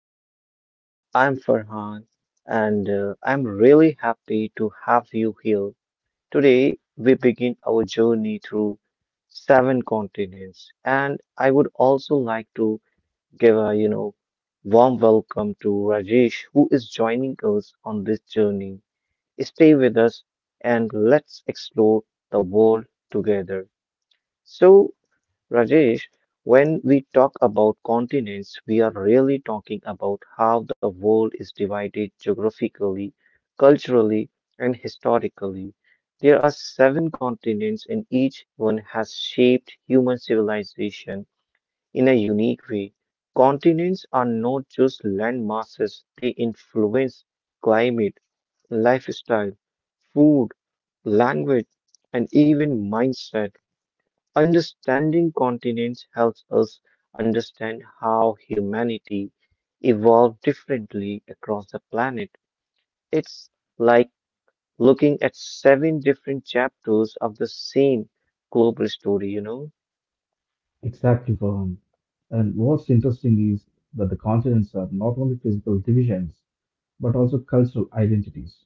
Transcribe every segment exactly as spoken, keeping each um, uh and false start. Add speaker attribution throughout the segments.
Speaker 1: welcome. I'm Farhan and uh, I'm really happy to have you here. Today we begin our journey through seven continents and I would also like to give a you know warm welcome to Rajesh who is joining us on this journey. Stay with us and let's explore the world together. So Rajesh, when we talk about continents, we are really talking about how the world is divided geographically, culturally, and historically. There are seven continents, and each one has shaped human civilization in a unique way. Continents are not just landmasses, they influence climate, lifestyle, food, language, and even mindset. Understanding continents helps us understand how humanity evolved differently across the planet. It's like looking at seven different chapters of the same global story, you know?
Speaker 2: Exactly, Farhan. And what's interesting is that the continents are not only physical divisions, but also cultural identities.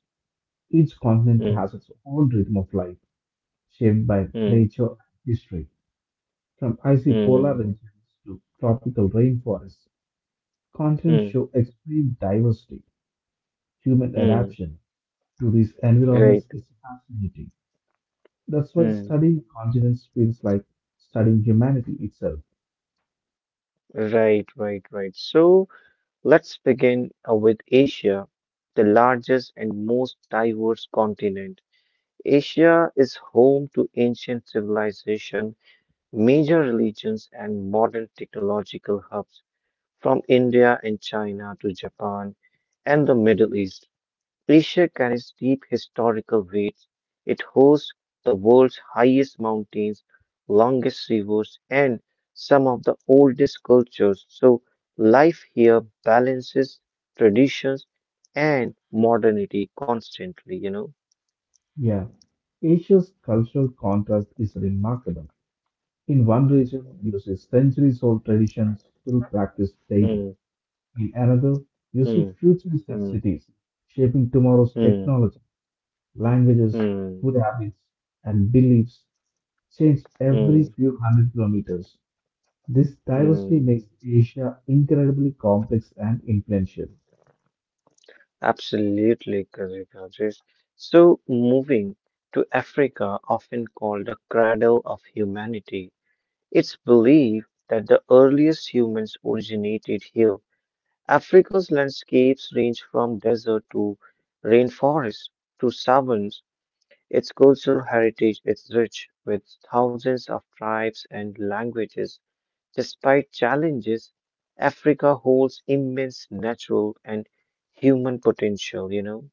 Speaker 2: Each continent
Speaker 1: Hmm,
Speaker 2: has its own rhythm of life, shaped by
Speaker 1: hmm,
Speaker 2: nature and history. From icy polar
Speaker 1: hmm,
Speaker 2: regions to tropical rainforests, continents
Speaker 1: hmm,
Speaker 2: show extreme diversity. Human
Speaker 1: hmm.
Speaker 2: adaptation to these
Speaker 1: Right.
Speaker 2: environments is fascinating. That's why
Speaker 1: Hmm.
Speaker 2: studying continents feels like studying humanity itself.
Speaker 1: Right, right, right. So let's begin uh, with Asia, the largest and most diverse continent. Asia is home to ancient civilization, major religions, and modern technological hubs from India and China to Japan and the Middle East. Asia carries deep historical weight. It hosts the world's highest mountains, longest rivers, and some of the oldest cultures. So life here balances traditions and modernity constantly, you know.
Speaker 2: Yeah, Asia's cultural contrast is remarkable. In one region, you see centuries old traditions still practiced daily.
Speaker 1: Hmm,
Speaker 2: In another, you see
Speaker 1: hmm,
Speaker 2: futuristic
Speaker 1: hmm.
Speaker 2: cities shaping tomorrow's
Speaker 1: Mm,
Speaker 2: technology. Languages,
Speaker 1: mm,
Speaker 2: food habits, and beliefs change
Speaker 1: mm,
Speaker 2: every few hundred kilometers. This diversity
Speaker 1: mm.
Speaker 2: makes Asia incredibly complex and influential.
Speaker 1: Absolutely correct, Rajesh. So, moving to Africa, often called the cradle of humanity, it's believed that the earliest humans originated here. Africa's landscapes range from desert to rainforest to savannas. Its cultural heritage is rich, with thousands of tribes and languages. Despite challenges, Africa holds immense natural and human potential, you know.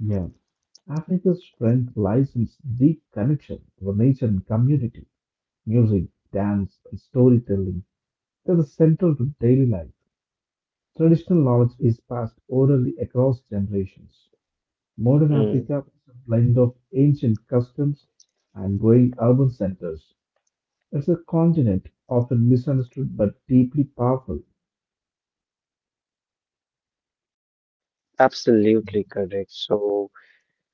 Speaker 2: Yeah, Africa's strength lies in its deep connection to nature and community. Music, dance, and storytelling, they were central to daily life. Traditional knowledge is passed orally across generations. Modern
Speaker 1: Mm,
Speaker 2: Africa is a blend of ancient customs and growing urban centers. It's a continent often misunderstood but deeply powerful.
Speaker 1: absolutely correct. So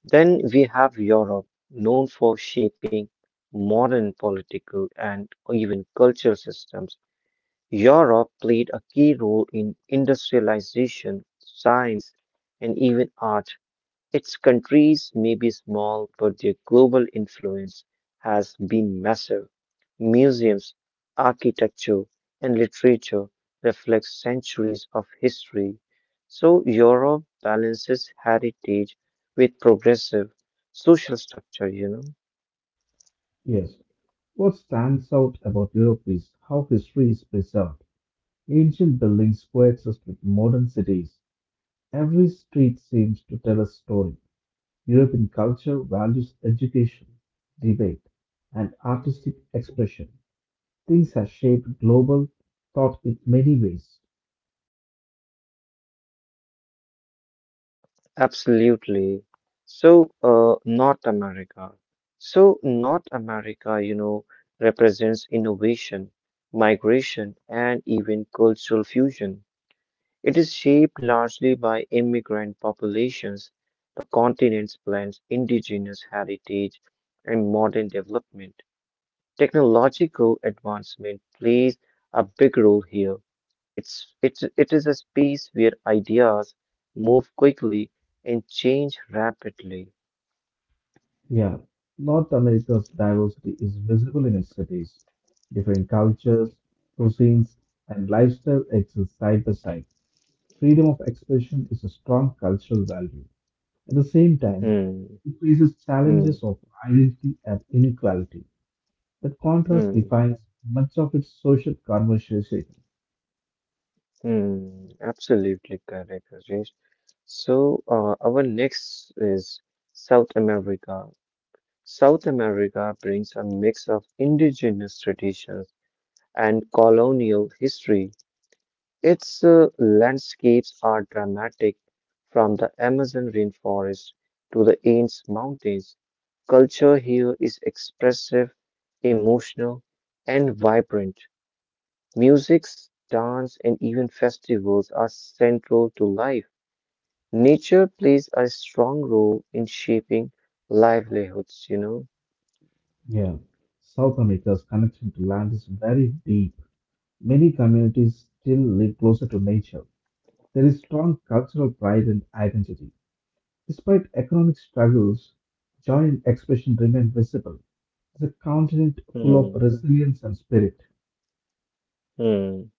Speaker 1: then we have Europe, known for shaping modern political and even cultural systems. Europe played a key role in industrialization, science, and even art. Its countries may be small, but their global influence has been massive. Museums, architecture, and literature reflect centuries of history. So Europe balances heritage with progressive social structure, you know?
Speaker 2: Yes, what stands out about Europe is how history is preserved. Ancient buildings coexist with modern cities. Every street seems to tell a story. European culture values education, debate, and artistic expression. Things have shaped global thought in many ways.
Speaker 1: Absolutely. So uh, North America. So North America, you know, represents innovation, migration, and even cultural fusion. It is shaped largely by immigrant populations, the continent's blends indigenous heritage and modern development. Technological advancement plays a big role here. It's, it's, it is a space where ideas move quickly and change rapidly.
Speaker 2: Yeah, North America's diversity is visible in its cities. Different cultures, cuisines, and lifestyle exist side by side. Freedom of expression is a strong cultural value. At the same time,
Speaker 1: Hmm,
Speaker 2: it faces
Speaker 1: hmm,
Speaker 2: challenges of identity and inequality. That contrast
Speaker 1: hmm,
Speaker 2: defines much of its social conversation.
Speaker 1: hmm. Absolutely correct, Rajesh. So, uh, our next is South America. South America brings a mix of indigenous traditions and colonial history. Its uh, landscapes are dramatic, from the Amazon rainforest to the Andes Mountains. Culture here is expressive, emotional, and vibrant. Musics, dance, and even festivals are central to life. Nature plays a strong role in shaping livelihoods, you know.
Speaker 2: Yeah, South America's connection to land is very deep. Many communities still live closer to nature. There is strong cultural pride and identity. Despite economic struggles, joy and expression remain visible. It's a continent full
Speaker 1: Hmm,
Speaker 2: of resilience and spirit.
Speaker 1: hmm.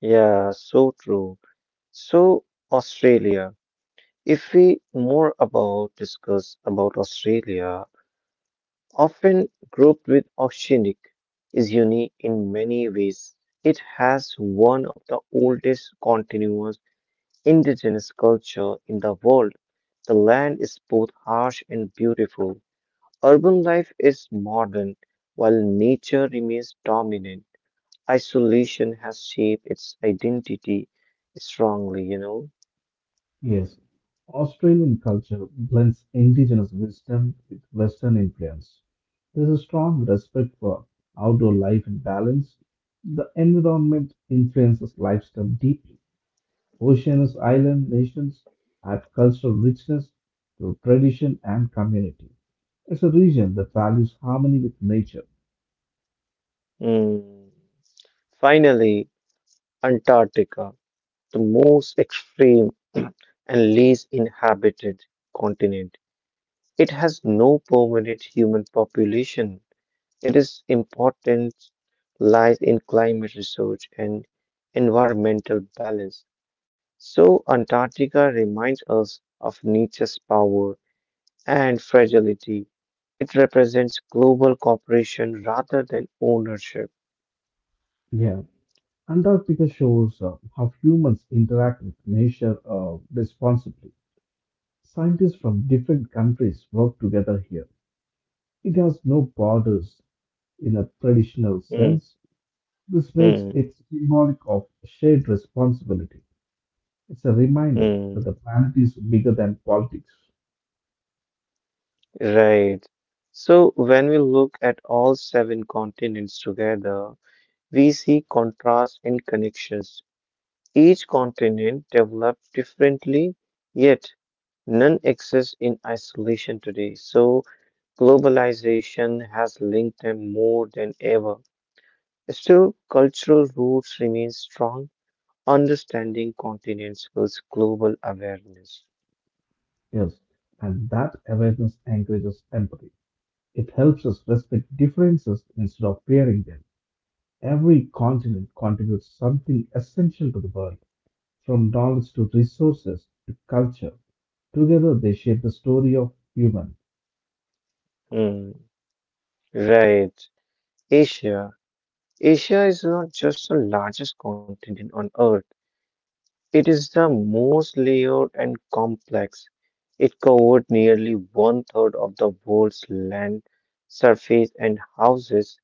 Speaker 1: Yeah, so true. So Australia, if we more about discuss about Australia, often grouped with Oceanic, is unique in many ways. It has one of the oldest continuous indigenous culture in the world. The land is both harsh and beautiful. Urban life is modern, while nature remains dominant. Isolation has shaped its identity strongly, you know.
Speaker 2: Yes, Australian culture blends indigenous wisdom with Western influence. There's a strong respect for outdoor life and balance. The environment influences lifestyle deeply. Oceania's island nations add cultural richness through tradition and community. It's a region that values harmony with nature.
Speaker 1: Mm. Finally, Antarctica, the most extreme and least inhabited continent. It has no permanent human population. It is important lies in climate research and environmental balance. So Antarctica reminds us of nature's power and fragility. It represents global cooperation rather than ownership.
Speaker 2: Yeah, Antarctica shows uh, how humans interact with nature uh, responsibly. Scientists from different countries work together here. It has no borders in a traditional
Speaker 1: Mm,
Speaker 2: sense. This makes
Speaker 1: mm,
Speaker 2: it symbolic of shared responsibility. It's a reminder that
Speaker 1: mm.
Speaker 2: the planet is bigger than politics.
Speaker 1: Right. So when we look at all seven continents together, we see contrast and connections. Each continent developed differently, yet none exists in isolation today. So globalization has linked them more than ever. Still, cultural roots remain strong. Understanding continents builds global awareness.
Speaker 2: Is, and that awareness encourages empathy. It helps us respect differences instead of fearing them. Every continent contributes something essential to the world, from knowledge to resources to culture. Together they shape the story of human.
Speaker 1: Hmm. Right. Asia. Asia is not just the largest continent on Earth, it is the most layered and complex. It covered nearly one third of the world's land surface and houses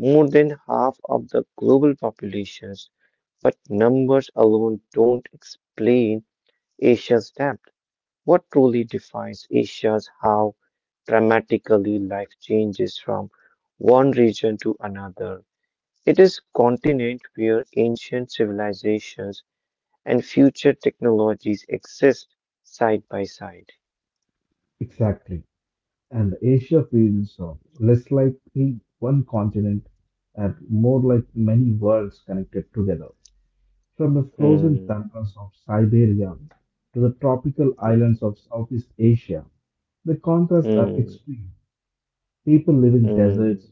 Speaker 1: more than half of the global populations. But numbers alone don't explain Asia's depth. What truly defines Asia is how dramatically life changes from one region to another. It is continent where ancient civilizations and future technologies exist side by side.
Speaker 2: Exactly. And Asia feels uh, less like one continent and more like many worlds connected together. From the frozen
Speaker 1: Hmm,
Speaker 2: pampas of Siberia to the tropical islands of
Speaker 1: hmm,
Speaker 2: Southeast Asia, the contrasts are
Speaker 1: hmm,
Speaker 2: extreme. People live in
Speaker 1: hmm,
Speaker 2: deserts,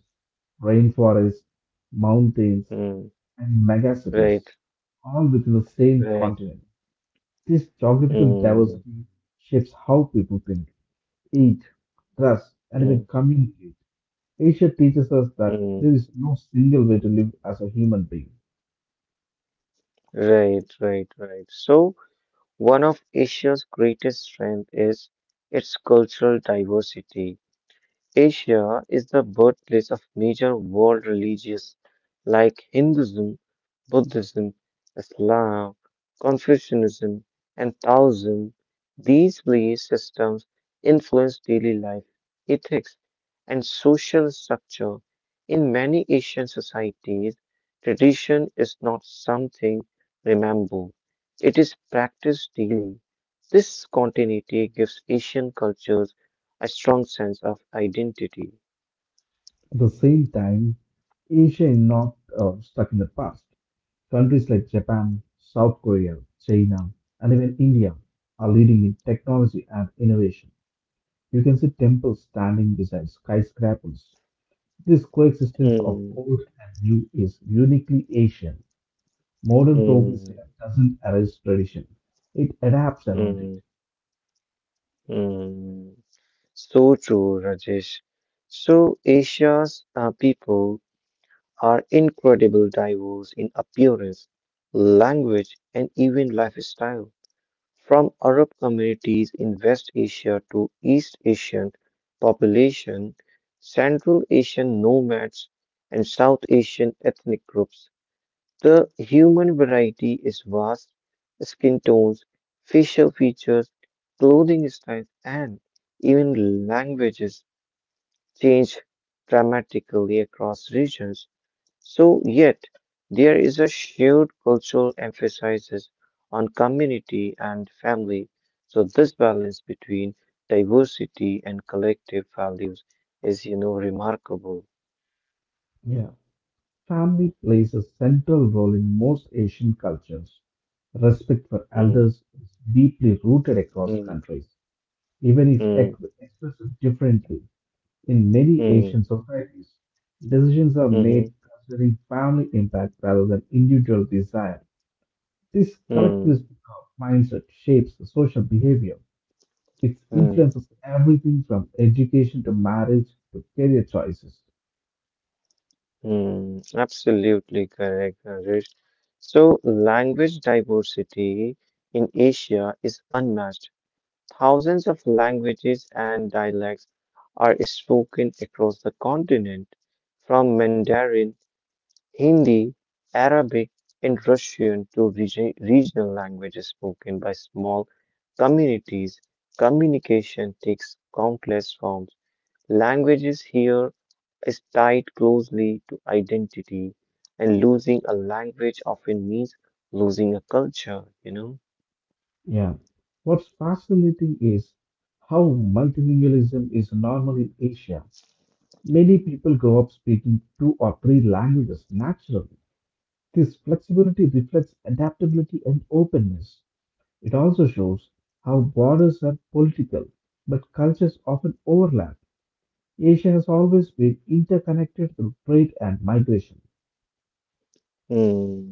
Speaker 2: rainforests, mountains,
Speaker 1: hmm.
Speaker 2: and megacities,
Speaker 1: Right,
Speaker 2: all within the same
Speaker 1: right.
Speaker 2: continent. This geographical
Speaker 1: Hmm,
Speaker 2: diversity shapes how people think, eat, trust, and
Speaker 1: hmm,
Speaker 2: even communicate. Asia teaches us that there
Speaker 1: hmm.
Speaker 2: is no single way to live as a human being.
Speaker 1: Right, right, right. So, one of Asia's greatest strengths is its cultural diversity. Asia is the birthplace of major world religions like Hinduism, Buddhism, Islam, Confucianism, and Taoism. These belief systems influence daily life, ethics, and social structure. In many Asian societies, tradition is not something remembered, it is practiced daily. This continuity gives Asian cultures a strong sense of identity.
Speaker 2: At the same time, Asia is not uh, stuck in the past. Countries like Japan, South Korea, China, and even India are leading in technology and innovation. You can see temples standing beside skyscrapers. This coexistence of
Speaker 1: Hmm.
Speaker 2: old and new is uniquely Asian. Modern progress
Speaker 1: Hmm.
Speaker 2: here doesn't erase tradition, it adapts around it.
Speaker 1: Hmm. Hmm. So true, Rajesh. So, Asia's uh, people are incredibly diverse in appearance, language, and even lifestyle. From Arab communities in West Asia to East Asian population, Central Asian nomads, and South Asian ethnic groups. The human variety is vast. Skin tones, facial features, clothing styles, and even languages change dramatically across regions. So, yet, there is a shared cultural emphasis on community and family. So, this balance between diversity and collective values is, you know, remarkable.
Speaker 2: Yeah, family plays a central role in most Asian cultures. Respect for
Speaker 1: Hmm,
Speaker 2: elders is deeply rooted across
Speaker 1: hmm,
Speaker 2: countries, even if
Speaker 1: hmm,
Speaker 2: ex- expressed differently. In many
Speaker 1: hmm,
Speaker 2: Asian societies, decisions are
Speaker 1: hmm,
Speaker 2: made considering family impact rather than individual desire. This collectivist
Speaker 1: hmm,
Speaker 2: mindset shapes the social behavior. It
Speaker 1: hmm.
Speaker 2: influences everything from education to marriage to career choices.
Speaker 1: Hmm. absolutely correct, Rajesh. So, language diversity in Asia is unmatched. Thousands of languages and dialects are spoken across the continent, from Mandarin, Hindi, Arabic, and Russian to regi- regional languages spoken by small communities. Communication takes countless forms. Languages here is tied closely to identity, and losing a language often means losing a culture, you know?
Speaker 2: Yeah. What's fascinating is how multilingualism is normal in Asia. Many people grow up speaking two or three languages naturally. This flexibility reflects adaptability and openness. It also shows how borders are political, but cultures often overlap. Asia has always been interconnected through trade and migration.
Speaker 1: Hmm.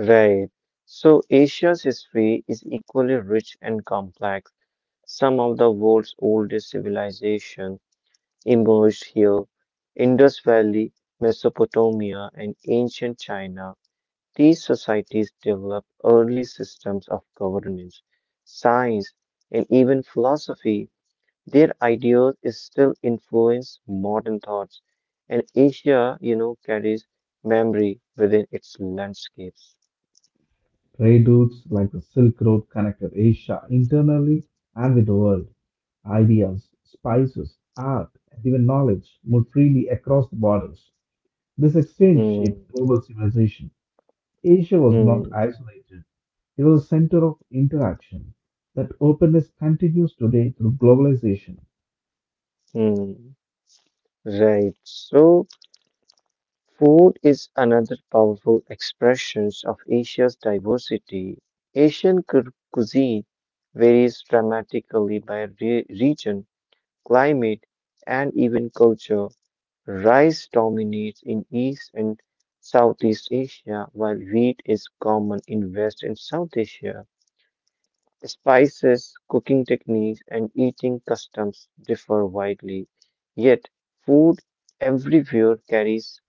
Speaker 1: Right. So Asia's history is equally rich and complex. Some of the world's oldest civilizations emerged here. Indus Valley, Mesopotamia, and ancient China. These societies developed early systems of governance, science, and even philosophy. Their ideas is still influence modern thoughts, and Asia, you know, carries memory within its landscapes.
Speaker 2: Trade routes like the Silk Road connected Asia internally and with the world. Ideas, spices, art, and even knowledge moved freely across the borders. This exchange
Speaker 1: Hmm,
Speaker 2: shaped global civilization. Asia was
Speaker 1: hmm,
Speaker 2: not isolated, it was a center of interaction. That openness continues today through globalization.
Speaker 1: hmm. Right. So, food is another powerful expressions of Asia's diversity. Asian cu- cuisine varies dramatically by re- region, climate, and even culture. Rice dominates in East and Southeast Asia, while wheat is common in West and South Asia. Spices, cooking techniques, and eating customs differ widely, yet food everywhere carries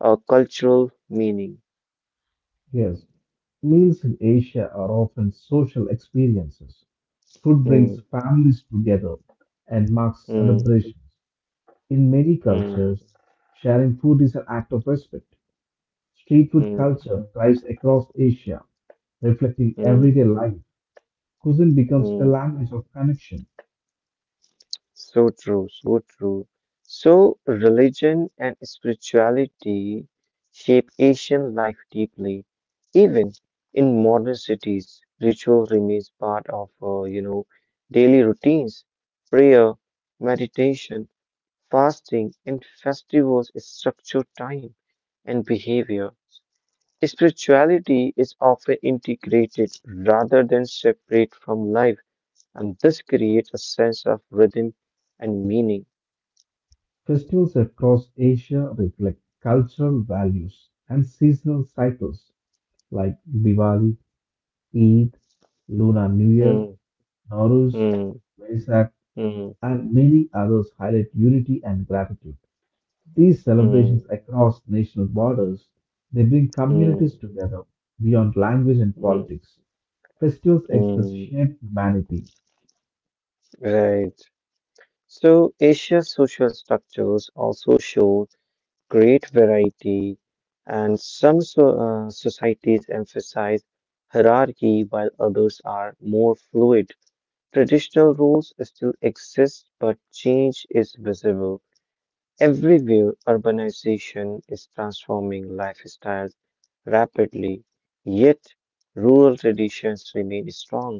Speaker 1: a cultural meaning.
Speaker 2: Yes, meals in Asia are often social experiences. Food
Speaker 1: Mm,
Speaker 2: brings families together and marks
Speaker 1: mm,
Speaker 2: celebrations. In many
Speaker 1: mm,
Speaker 2: cultures, sharing food is an act of respect. Street food
Speaker 1: mm,
Speaker 2: culture thrives across Asia, reflecting
Speaker 1: mm,
Speaker 2: everyday life. Cuisine becomes a
Speaker 1: mm.
Speaker 2: language of connection.
Speaker 1: So true, so true. So, religion and spirituality shape Asian life deeply. Even in modern cities, ritual remains part of, uh, you know, daily routines. Prayer, meditation, fasting, and festivals structure time and behavior. Spirituality is often integrated rather than separate from life, and this creates a sense of rhythm and meaning.
Speaker 2: Festivals across Asia reflect cultural values and seasonal cycles like Diwali, Eid, Lunar New Year,
Speaker 1: Mm,
Speaker 2: Nowruz,
Speaker 1: mm,
Speaker 2: Vesak,
Speaker 1: mm,
Speaker 2: and many others highlight unity and gratitude. These celebrations
Speaker 1: mm,
Speaker 2: across national borders, they bring communities
Speaker 1: mm,
Speaker 2: together beyond language and
Speaker 1: mm,
Speaker 2: politics. Festivals express
Speaker 1: mm.
Speaker 2: shared humanity.
Speaker 1: Right. So Asia's social structures also show great variety, and some so, uh, societies emphasize hierarchy while others are more fluid. Traditional rules still exist, but change is visible. Everywhere, urbanization is transforming lifestyles rapidly, yet rural traditions remain strong.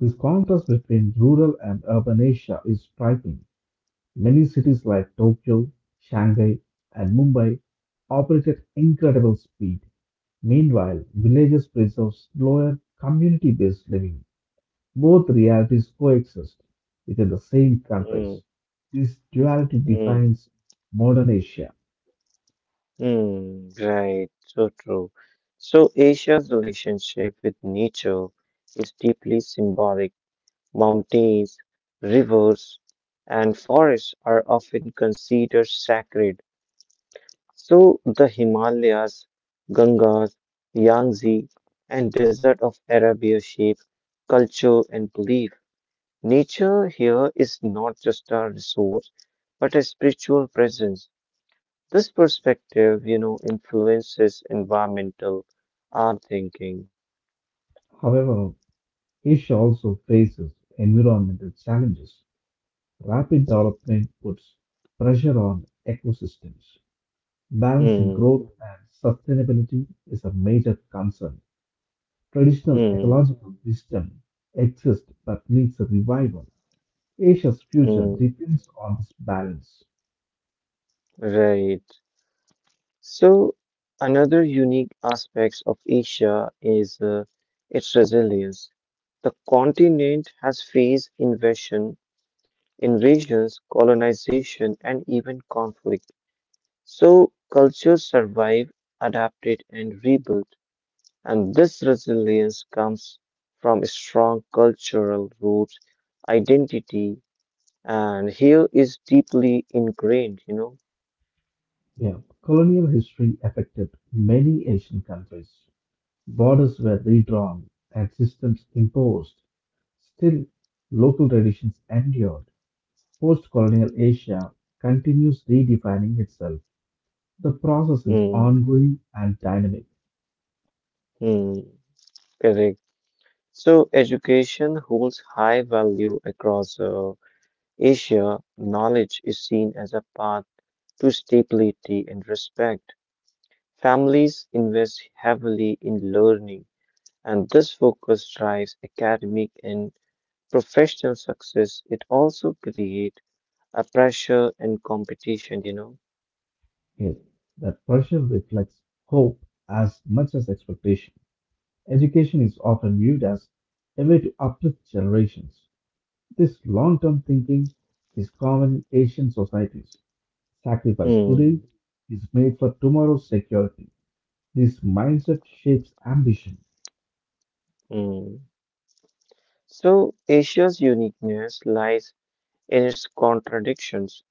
Speaker 2: This contrast between rural and urban Asia is striking. Many cities like Tokyo, Shanghai, and Mumbai operate at incredible speed. Meanwhile, villages preserve slower community based living. Both realities coexist within the same countries.
Speaker 1: Mm,
Speaker 2: This duality
Speaker 1: mm,
Speaker 2: defines modern Asia.
Speaker 1: mm, right, so true. So, Asia's relationship with nature is deeply symbolic. Mountains, rivers, and forests are often considered sacred. So the Himalayas, Gangas, Yangtze, and Desert of Arabia shape culture and belief. Nature here is not just a resource, but a spiritual presence. This perspective, you know, influences environmental art thinking.
Speaker 2: However, Asia also faces environmental challenges. Rapid development puts pressure on ecosystems. Balancing
Speaker 1: Hmm,
Speaker 2: growth and sustainability is a major concern. Traditional
Speaker 1: hmm,
Speaker 2: ecological wisdom exists but needs a revival. Asia's future
Speaker 1: hmm,
Speaker 2: depends on this balance.
Speaker 1: right. So, another unique aspect of Asia is uh, its resilience. The continent has faced invasion, invasions, colonization, and even conflict. So, cultures survive, adapted, and rebuilt. And this resilience comes from strong cultural roots, identity, and here is deeply ingrained, you know.
Speaker 2: Yeah, colonial history affected many Asian countries. Borders were redrawn and systems imposed. Still, local traditions endured. Post colonial Asia continues redefining itself. The process is
Speaker 1: Hmm,
Speaker 2: ongoing and dynamic.
Speaker 1: hmm, correct. So, education holds high value across uh, Asia. Knowledge is seen as a path to stability and respect. Families invest heavily in learning, and this focus drives academic and professional success. It also creates a pressure and competition, you know.
Speaker 2: Here, that pressure reflects hope as much as expectation. Education is often viewed as a way to uplift generations. This long term thinking is common in Asian societies. Sacrifice today
Speaker 1: Hmm.
Speaker 2: is made for tomorrow's security. This mindset shapes ambition,
Speaker 1: Hmm. So, Asia's uniqueness lies in its contradictions.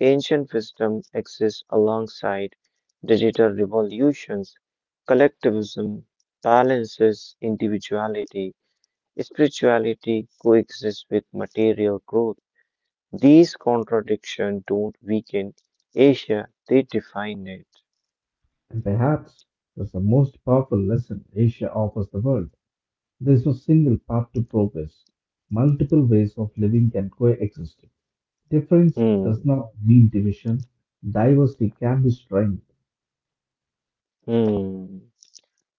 Speaker 1: Ancient wisdom exists alongside digital revolutions, collectivism balances individuality, spirituality coexists with material growth. These contradictions don't weaken Asia, they define it.
Speaker 2: and perhaps that's the most powerful lesson Asia offers the world. There is no single path to progress. Multiple ways of living can coexist. Difference does
Speaker 1: Hmm.
Speaker 2: not mean division. Diversity can be strength.
Speaker 1: Hmm.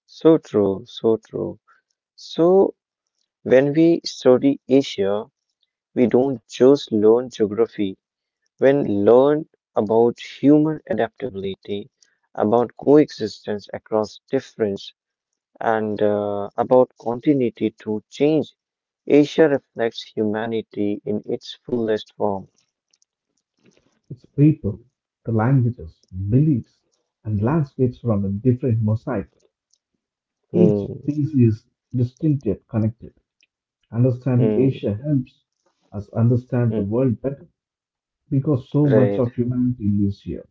Speaker 1: So true, so true. So when we study Asia, we don't just learn geography. When learn about human adaptability, about coexistence across difference, and uh, about continuity to change. Asia reflects humanity in its fullest form.
Speaker 2: It's people, the languages, beliefs, and landscapes from a different mosaic. Each
Speaker 1: Hmm,
Speaker 2: piece is distinct yet connected. Understanding
Speaker 1: hmm,
Speaker 2: Asia helps us understand the
Speaker 1: hmm,
Speaker 2: world better because so much
Speaker 1: right,
Speaker 2: of humanity lives here,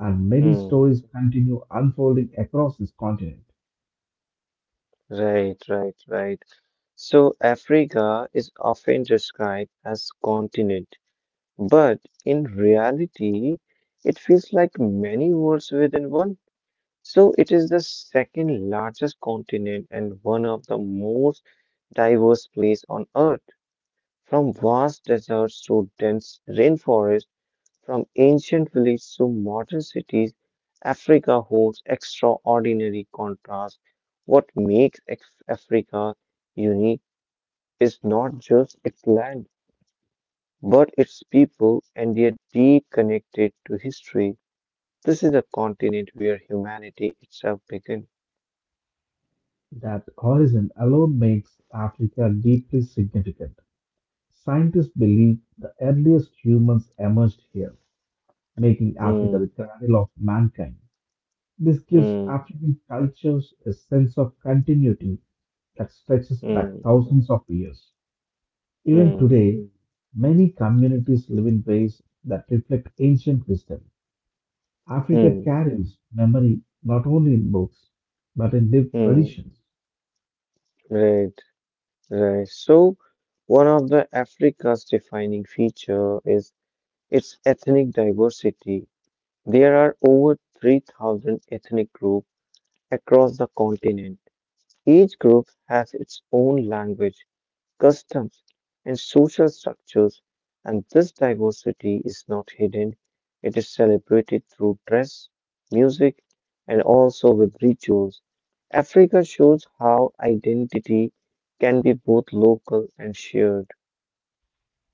Speaker 2: and many
Speaker 1: hmm,
Speaker 2: stories continue unfolding across this continent.
Speaker 1: right, right, right. So Africa is often described as continent, but in reality, it feels like many worlds within one. So it is the second largest continent and one of the most diverse place on earth. From vast deserts to dense rainforests, from ancient villages to modern cities, Africa holds extraordinary contrasts. What makes Af- Africa unique is not just its land, but its people and their deep connected to history. This is a continent where humanity itself began.
Speaker 2: That horizon alone makes Africa deeply significant. Scientists believe the earliest humans emerged here, making Africa
Speaker 1: Hmm,
Speaker 2: the cradle of mankind. This gives
Speaker 1: hmm,
Speaker 2: African cultures a sense of continuity that stretches back
Speaker 1: hmm,
Speaker 2: thousands of years. Even
Speaker 1: hmm,
Speaker 2: today, many communities live in ways that reflect ancient wisdom. Africa
Speaker 1: hmm,
Speaker 2: carries memory not only in books, but in lived
Speaker 1: hmm.
Speaker 2: traditions.
Speaker 1: Right. Right. So, one of the Africa's defining feature is its ethnic diversity. There are over three thousand ethnic groups across the continent. Each group has its own language, customs, and social structures, and this diversity is not hidden. It is celebrated through dress, music, and also with rituals. Africa shows how identity can be both local and shared.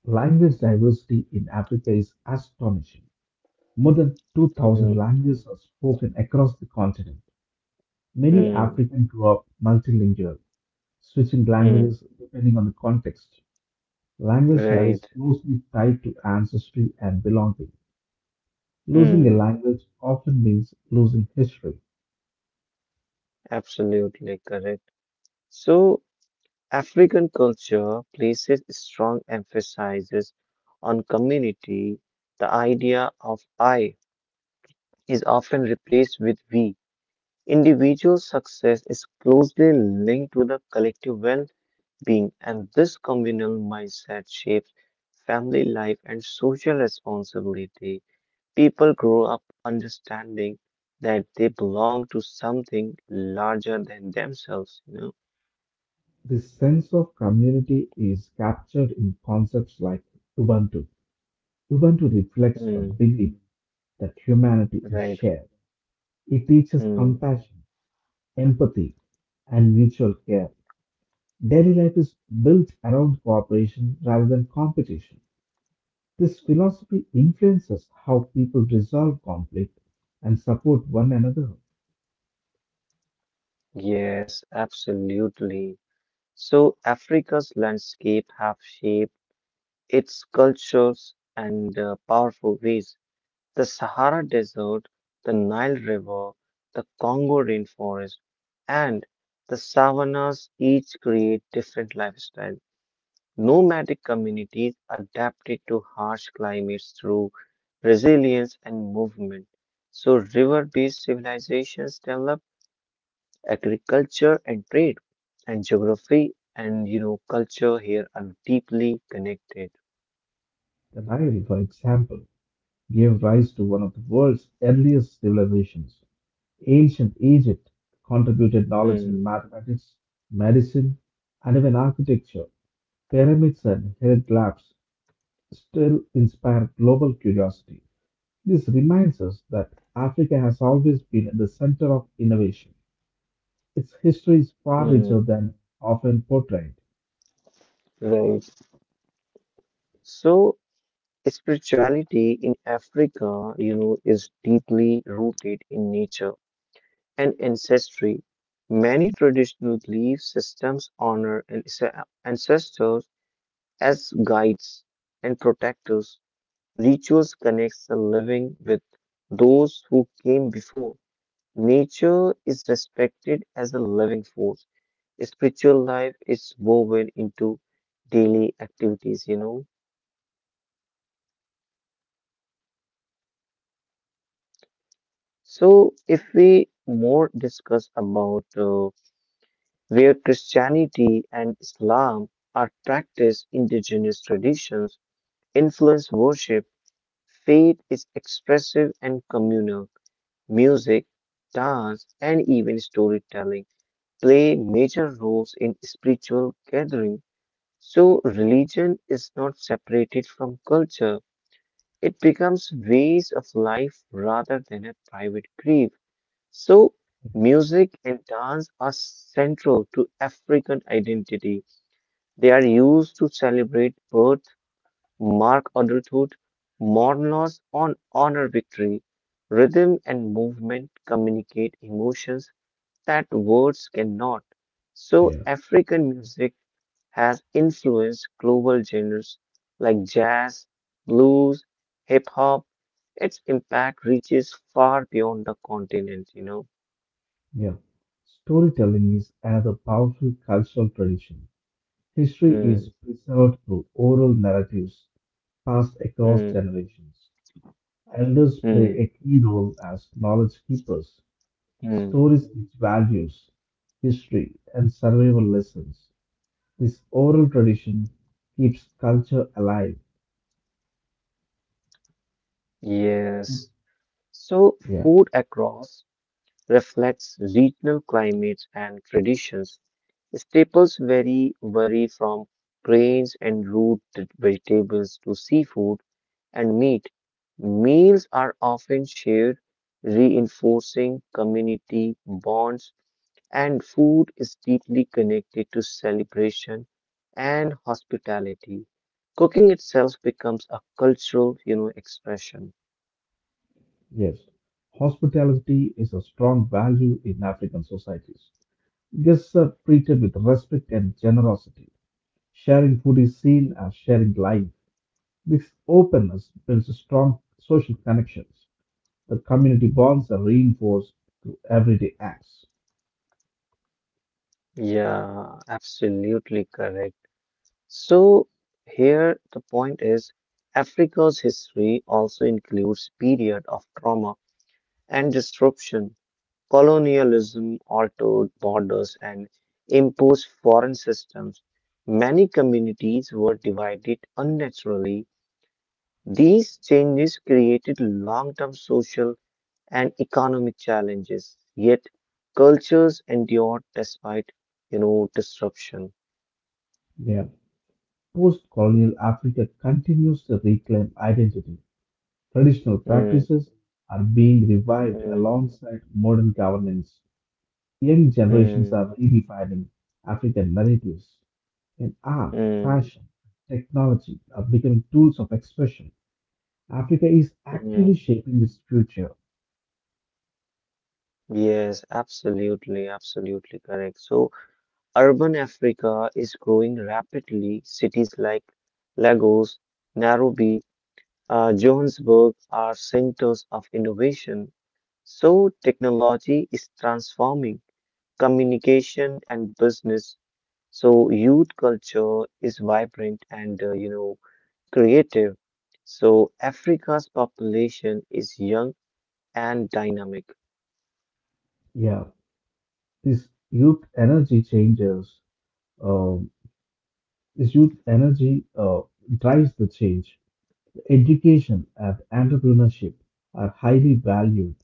Speaker 2: Language diversity in Africa is astonishing. More than two thousand
Speaker 1: Mm,
Speaker 2: languages are spoken across the continent. Many
Speaker 1: mm,
Speaker 2: Africans grew up multilingual, switching
Speaker 1: mm,
Speaker 2: languages depending on the context. Language here is
Speaker 1: right.
Speaker 2: closely tied to ancestry and belonging. Losing a
Speaker 1: Mm,
Speaker 2: language often means losing history.
Speaker 1: absolutely correct. So, African culture places strong emphasis on community. The idea of I is often replaced with we. Individual success is closely linked to the collective well-being, and this communal mindset shapes family life and social responsibility. People grow up understanding that they belong to something larger than themselves, you know?
Speaker 2: This sense of community is captured in concepts like Ubuntu. Ubuntu reflects the
Speaker 1: Mm,
Speaker 2: belief that humanity is
Speaker 1: right.
Speaker 2: shared. It teaches
Speaker 1: Mm,
Speaker 2: compassion, empathy, and mutual care. Daily life is built around cooperation rather than competition. This philosophy influences how people resolve conflict and support one another.
Speaker 1: yes, absolutely. So Africa's landscape have shaped its cultures and uh, powerful ways. The Sahara Desert, the Nile River, the Congo rainforest, and the savannas each create different lifestyles. Nomadic communities adapted to harsh climates through resilience and movement. So, river based civilizations developed agriculture and trade, and geography and you know, culture here are deeply connected.
Speaker 2: The Nile, for example, gave rise to one of the world's earliest civilizations. Ancient Egypt contributed knowledge in
Speaker 1: Hmm.
Speaker 2: mathematics, medicine, and even architecture. Pyramids and hieroglyphs still inspire global curiosity. This reminds us that Africa has always been at the center of innovation. Its history is far richer
Speaker 1: Hmm.
Speaker 2: than often portrayed.
Speaker 1: Right. So, spirituality in Africa, you know, is deeply rooted in nature and ancestry. Many traditional belief systems honor anse- ancestors as guides and protectors. Rituals connects the living with those who came before. Nature is respected as a living force. Spiritual life is woven into daily activities, you know. So, if we more discuss about uh, where Christianity and Islam are practiced, indigenous traditions influence worship. Faith is expressive and communal. Music, dance, and even storytelling play major roles in spiritual gathering. So, religion is not separated from culture. It becomes ways of life rather than a private grief. So, music and dance are central to African identity. They are used to celebrate birth, mark adulthood, mourn loss, or honor victory. Rhythm and movement communicate emotions that words cannot. So,
Speaker 2: Yeah.
Speaker 1: African music has influenced global genres like jazz, blues, hip hop. Its impact reaches far beyond the continent, you know.
Speaker 2: Yeah. Storytelling is another powerful cultural tradition. History is
Speaker 1: Hmm,
Speaker 2: preserved through oral narratives passed across
Speaker 1: hmm,
Speaker 2: generations. Elders
Speaker 1: hmm,
Speaker 2: play a key role as knowledge keepers.
Speaker 1: hmm.
Speaker 2: Stories teach values, history, and survival lessons. This oral tradition keeps culture alive.
Speaker 1: Yes. So,
Speaker 2: Yeah,
Speaker 1: food across reflects regional climates and traditions. Staples vary, vary from grains and root vegetables to seafood and meat. Meals are often shared, reinforcing community bonds, and food is deeply connected to celebration and hospitality. Cooking itself becomes a cultural, you know, expression.
Speaker 2: yes. Hospitality is a strong value in African societies. Guests are treated with respect and generosity. Sharing food is seen as sharing life. This openness builds strong social connections. The community bonds are reinforced through everyday acts.
Speaker 1: Yeah, absolutely correct. So, here the point is Africa's history also includes period of trauma and disruption. Colonialism altered borders and imposed foreign systems. Many communities were divided unnaturally. These changes created long-term social and economic challenges, yet cultures endured despite, you know, disruption.
Speaker 2: Yeah. Post colonial Africa continues to reclaim identity. Traditional
Speaker 1: Mm,
Speaker 2: practices are being revived
Speaker 1: mm,
Speaker 2: alongside modern governance. Young generations are
Speaker 1: mm,
Speaker 2: redefining African narratives in art,
Speaker 1: mm.
Speaker 2: fashion, technology are becoming tools of expression. Africa is actively
Speaker 1: Mm.
Speaker 2: shaping its future.
Speaker 1: Yes, absolutely, absolutely correct. So, urban Africa is growing rapidly. Cities like Lagos, Nairobi, uh, Johannesburg are centers of innovation. So, technology is transforming communication and business. So, youth culture is vibrant and, uh, you know, creative. So, Africa's population is young and dynamic.
Speaker 2: Yeah, this youth energy changes. Um this youth energy uh, drives the change. Education and entrepreneurship are highly valued.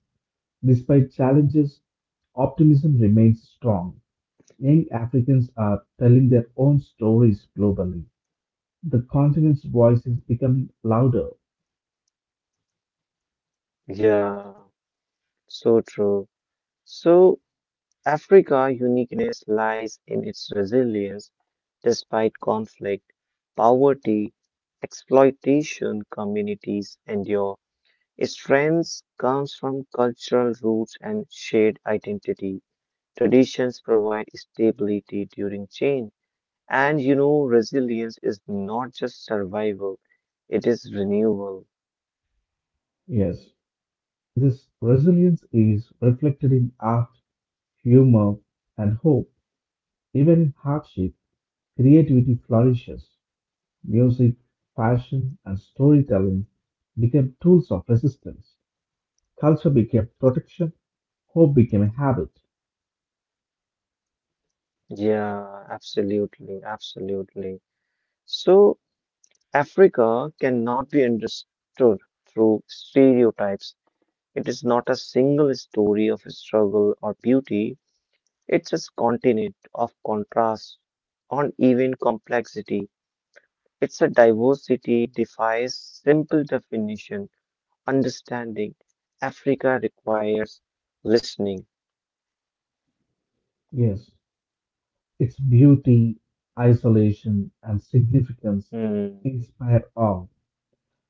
Speaker 2: Despite challenges, optimism remains strong. Young Africans are telling their own stories globally. The continent's voice is becoming louder.
Speaker 1: Yeah. So true. So Africa uniqueness lies in its resilience despite conflict, poverty, exploitation communities endure. Its strength comes from cultural roots and shared identity. Traditions provide stability during change. And you know, resilience is not just survival, it is renewal.
Speaker 2: Yes, this resilience is reflected in art, humor, and hope. Even in hardship, creativity flourishes. Music, fashion, and storytelling become tools of resistance. Culture became protection. Hope became a habit.
Speaker 1: Yeah, absolutely, absolutely. So Africa cannot be understood through stereotypes. It is not a single story of struggle or beauty. It's a continent of contrast, uneven complexity. It's a diversity defies simple definition. Understanding Africa requires listening.
Speaker 2: Yes, its beauty, isolation, and significance
Speaker 1: Hmm,
Speaker 2: inspire awe.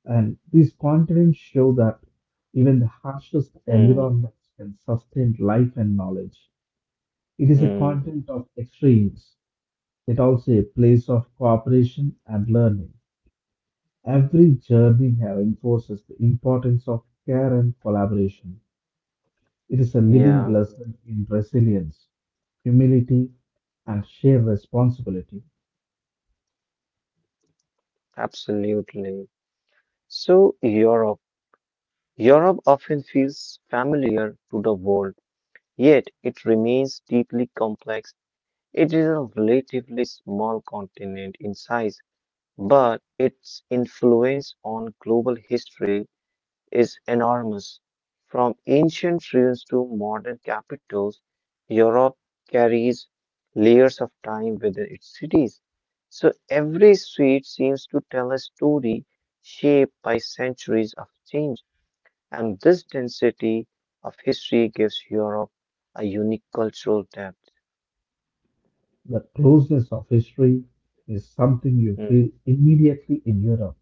Speaker 2: And these contents show that even the harshest
Speaker 1: hmm,
Speaker 2: environments can sustain life and knowledge. It is a
Speaker 1: hmm.
Speaker 2: continent of extremes, yet also a place of cooperation and learning. Every journey here enforces the importance of care and collaboration. It is a living
Speaker 1: Yeah,
Speaker 2: lesson in resilience, humility, and shared responsibility.
Speaker 1: absolutely. So Europe. Europe often feels familiar to the world, yet it remains deeply complex. It is a relatively small continent in size, but its influence on global history is enormous. From ancient ruins to modern capitals, Europe carries layers of time within its cities. So every street seems to tell a story shaped by centuries of change and this density of history gives Europe a unique cultural depth.
Speaker 2: The closeness of history is something you
Speaker 1: Hmm,
Speaker 2: feel immediately in Europe,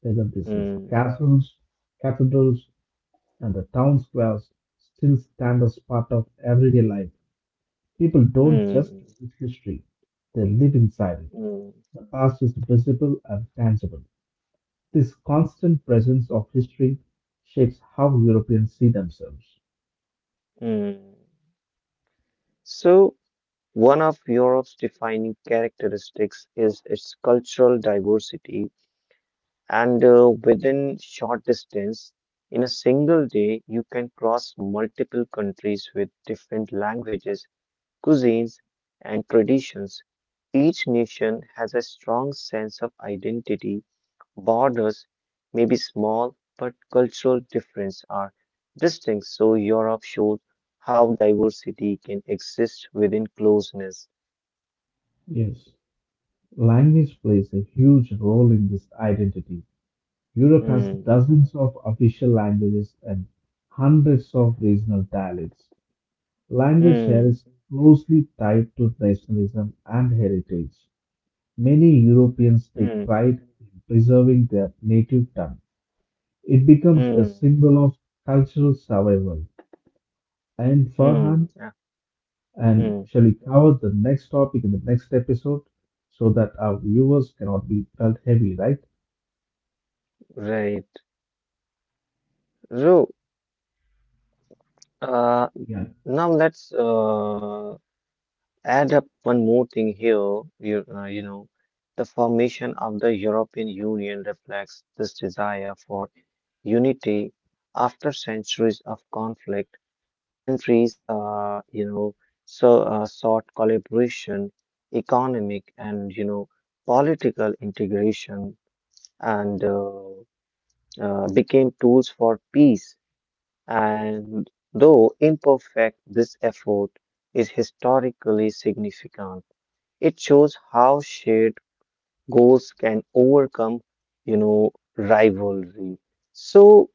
Speaker 2: whether this is
Speaker 1: hmm,
Speaker 2: castles, cathedrals, and the town squares still stand as part of everyday life. People don't just
Speaker 1: hmm,
Speaker 2: visit history, they live inside it.
Speaker 1: hmm,
Speaker 2: The past is visible and tangible. This constant presence of history shapes how Europeans see themselves.
Speaker 1: hmm. So, one of Europe's defining characteristics is its cultural diversity, and uh, within short distance, in a single day, you can cross multiple countries with different languages, cuisines, and traditions. Each nation has a strong sense of identity. Borders may be small, but cultural differences are distinct, so Europe shows how diversity can exist within closeness.
Speaker 2: Yes. Language plays a huge role in this identity. Europe has
Speaker 1: Hmm,
Speaker 2: dozens of official languages and hundreds of regional dialects. Language here
Speaker 1: hmm,
Speaker 2: is closely tied to nationalism and heritage. Many Europeans take
Speaker 1: hmm,
Speaker 2: pride in preserving their native tongue. It becomes a
Speaker 1: hmm,
Speaker 2: symbol of cultural survival. I, And Farhan,
Speaker 1: hmm, ah,
Speaker 2: and
Speaker 1: hmm.
Speaker 2: shall we cover the next topic in the next episode so that our viewers cannot be felt heavy, right?
Speaker 1: Right. So, uh,
Speaker 2: Yeah.
Speaker 1: now let's uh, add up one more thing here. You, uh, you know, the formation of the European Union reflects this desire for unity after centuries of conflict. countries, uh, you know, so uh, sought collaboration, economic and you know political integration, and uh, uh, became tools for peace. And though imperfect, this effort is historically significant. It shows how shared goals can overcome, you know, rivalry. So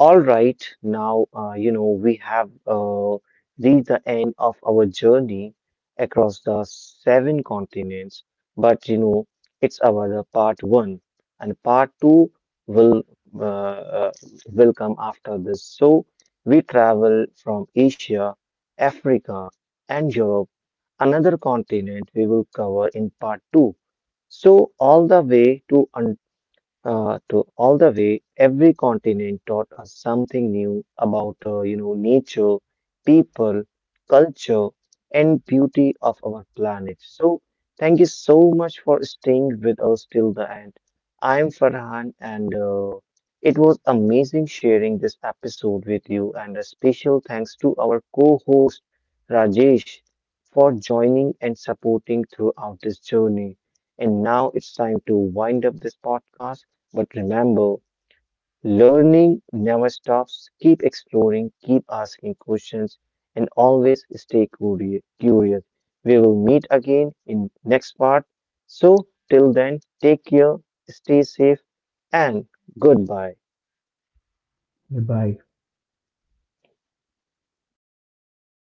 Speaker 1: all right, now, uh, you know, we have uh, reached the end of our journey across the seven continents, but you know, it's our the part one, and part two will uh, will come after this. So we travel from Asia, Africa, and Europe, another continent we will cover in part two. So all the way to uh, to all the way, every continent taught us something new about, uh, you know, nature, people, culture, and beauty of our planet. So, thank you so much for staying with us till the end. I am Farhan, and uh, it was amazing sharing this episode with you. And a special thanks to our co-host Rajesh for joining and supporting throughout this journey. And now it's time to wind up this podcast. But remember, learning never stops. Keep exploring, keep asking questions, and always stay curi- curious. We will meet again in next part. So till then, take care, stay safe, and goodbye.
Speaker 2: Goodbye